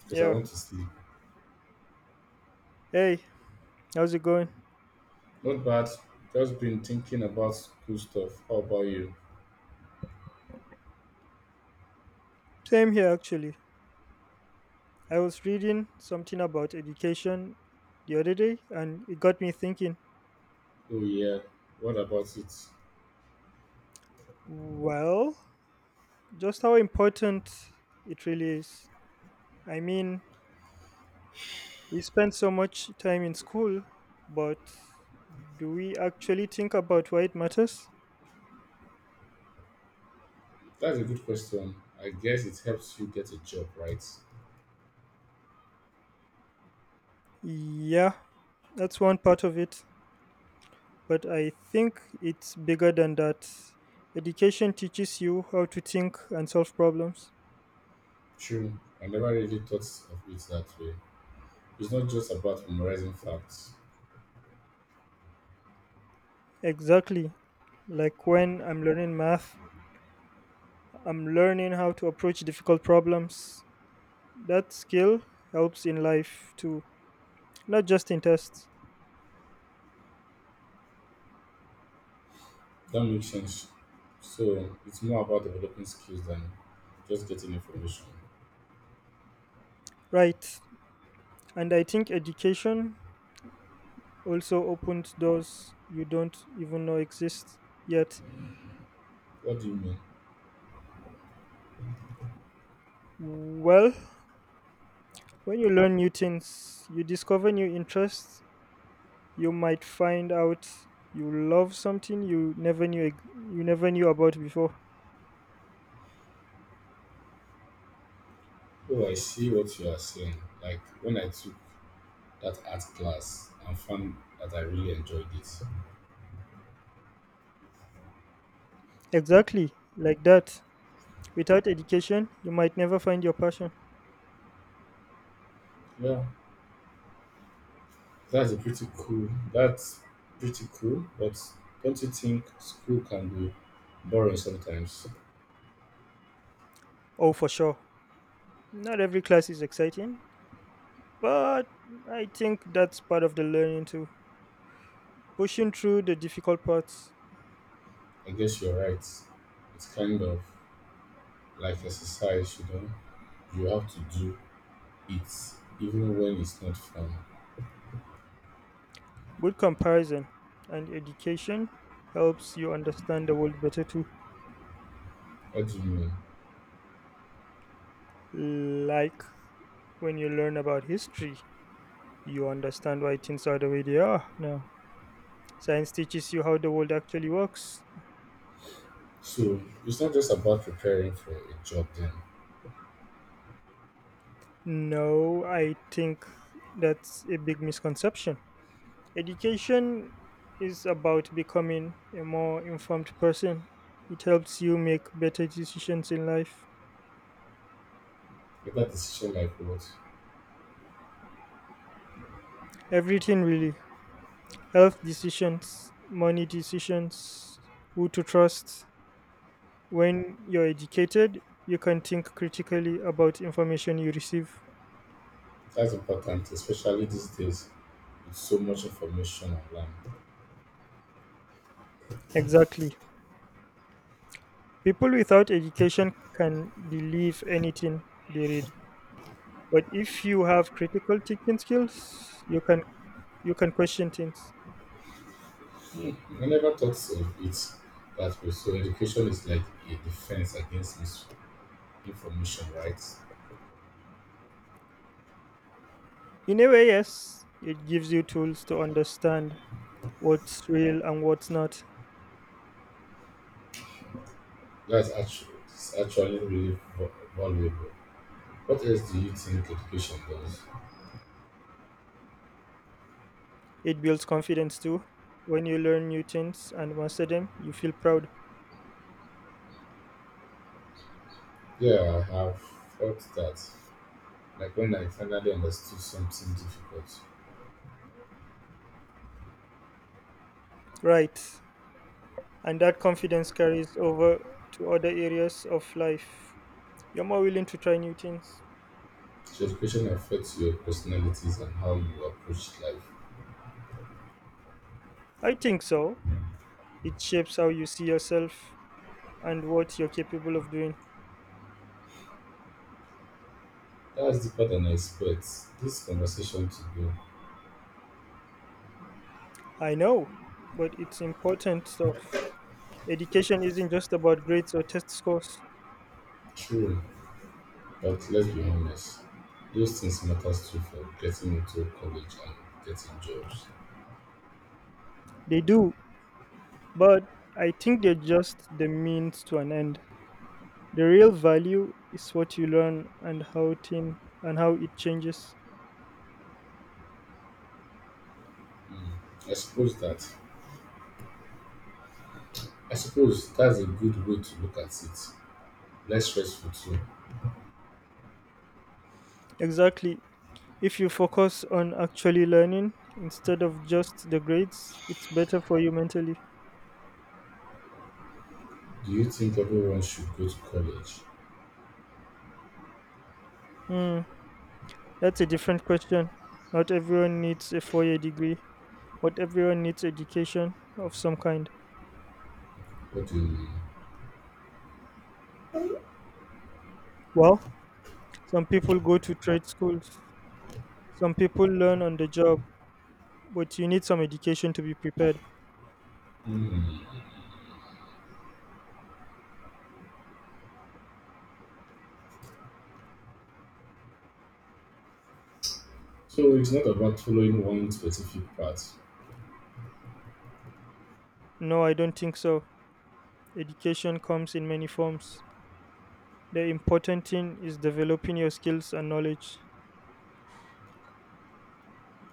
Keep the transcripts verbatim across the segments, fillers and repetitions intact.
Because I Yeah. want to sleep. Hey, how's it going? Not bad. Just been thinking about school stuff. How about you? Same here, actually. I was reading something about education the other day, and it got me thinking, Oh yeah. What about it? well, just how important it really is. I mean, we spend so much time in school, but do we actually think about why it matters? That's a good question. I guess it helps you get a job, right? Yeah, that's one part of it, but I think it's bigger than that. Education teaches you how to think and solve problems. True. I never really thought of it that way. It's not just about memorizing facts. Exactly. Like when I'm learning math, I'm learning how to approach difficult problems. That skill helps in life too, not just in tests. That makes sense. So it's more about developing skills than just getting information. Right. And I think education also opened doors you don't even know exist yet. What do you mean? Well, when you learn new things, you discover new interests. You might find out you love something you never knew ex- you never knew about before. Oh, I see what you are saying. Like when I took that art class and found that I really enjoyed it. Exactly, like that. Without education, you might never find your passion. Yeah, That's a pretty cool. That's pretty cool. But don't you think school can be boring sometimes? Oh, for sure. Not every class is exciting, but I think that's part of the learning too. Pushing through the difficult parts, I guess you're right. It's kind of like exercise, you know. You have to do it, even when it's not fun. good comparison, and education helps you understand the world better too. What do you mean? Like when you learn about history, you understand why things are the way they are now. Science teaches you how the world actually works. So it's not just about preparing for a job then. No, I think that's a big misconception. Education is about becoming a more informed person. It helps you make better decisions in life. Either decision like what? Everything really. Health decisions, money decisions, who to trust. When you're educated, you can think critically about information you receive. That's important, especially these days with so much information online. Exactly. People without education can believe anything they read. But if you have critical thinking skills, you can you can question things. I never thought of it that way. So education is like a defense against misinformation, right? In a way, yes, it gives you tools to understand what's real and what's not. That's actually, it's actually really va- valuable. What else do you think education does? It builds confidence too. When you learn new things and master them, you feel proud. Yeah, I have thought that. Like when I finally understood something difficult. Right. And that confidence carries over to other areas of life. You're more willing to try new things. So education affects your personalities and how you approach life. I think so. It shapes how you see yourself and what you're capable of doing. That's deeper than I expect. This conversation to go. I know, but it's important stuff. Education isn't just about grades or test scores. True. But let's be honest, those things matters too for getting into college and getting jobs. They do. But I think they're just the means to an end. The real value is what you learn and how thing and how it changes. I suppose that I suppose that's a good way to look at it. Less stressful too. Exactly. If you focus on actually learning instead of just the grades, it's better for you mentally. Do you think everyone should go to college? Hmm, that's a different question. Not everyone needs a four year degree, but everyone needs education of some kind. What do you mean? Well, some people go to trade schools, some people learn on the job, but you need some education to be prepared. Hmm. So it's not about following one specific path. No, I don't think so. Education comes in many forms. The important thing is developing your skills and knowledge.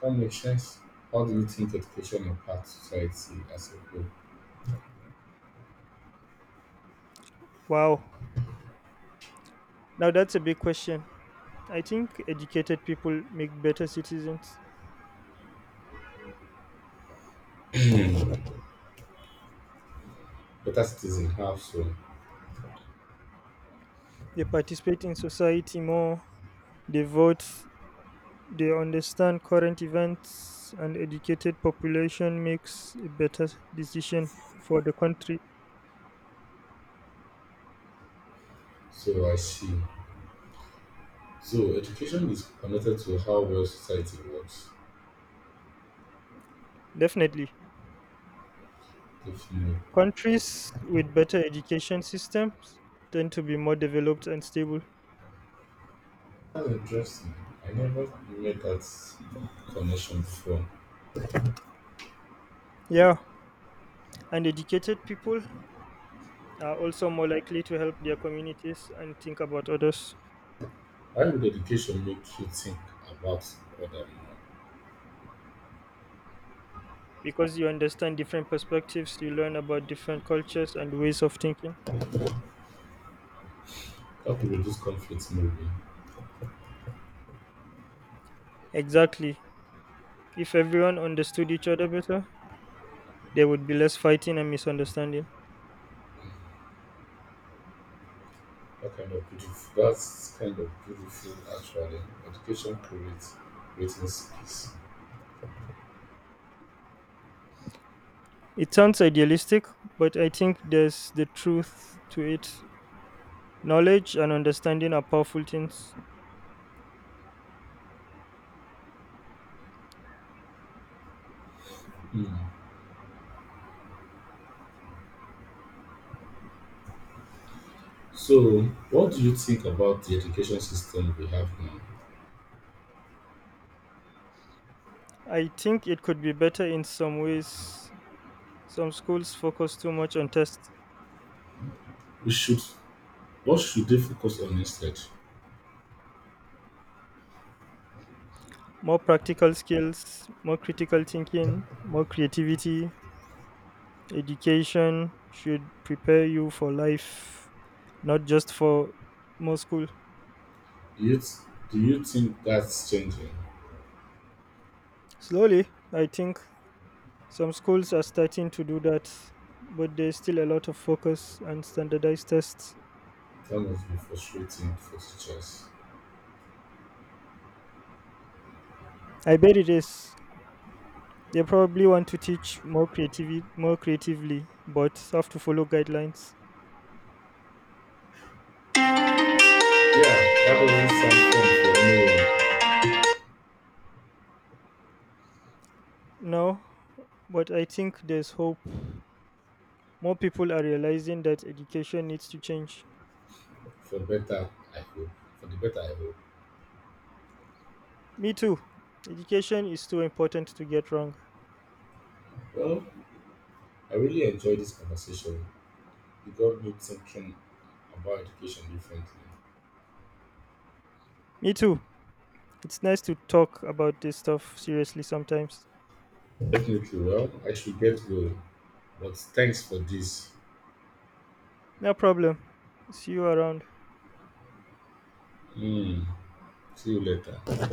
That makes sense. How do you think education impacts society as a whole? Wow. Now that's a big question. I think educated people make better citizens. Better citizen have so. They participate in society more, they vote, they understand current events, and educated population makes a better decision for the country. So I see. So education is connected to how well society works. Definitely. Definitely. Countries with better education systems tend to be more developed and stable. That's interesting. I never made that connection before. Yeah, and educated people are also more likely to help their communities and think about others. How would education make you think about other more? Because you understand different perspectives, you learn about different cultures and ways of thinking. That could reduce conflict maybe. Exactly. If everyone understood each other better, there would be less fighting and misunderstanding. That kind of beautiful that's kind of beautiful actually. Education creates creating space. It sounds idealistic, but I think there's the truth to it. Knowledge and understanding are powerful things. Hmm. So what do you think about the education system we have now? I think it could be better in some ways. Some schools focus too much on tests, We should what should they focus on instead? more practical skills, more critical thinking, more creativity. Education should prepare you for life, not just for more school. Do you th- do you think that's changing? Slowly, I think some schools are starting to do that, but there's still a lot of focus on standardized tests. That must be frustrating for teachers. I bet it is. They probably want to teach more creativity, more creatively, but have to follow guidelines. Yeah, that doesn't sound fun for anyone. No, but I think there's hope. More people are realizing that education needs to change. For the better, I hope. For the better, I hope. Me too. Education is too important to get wrong. Well, I really enjoyed this conversation. You got me thinking about education differently. Me too. It's nice to talk about this stuff seriously sometimes. Definitely. Well, I should get going. But thanks for this. No problem. See you around. Mm, see you later.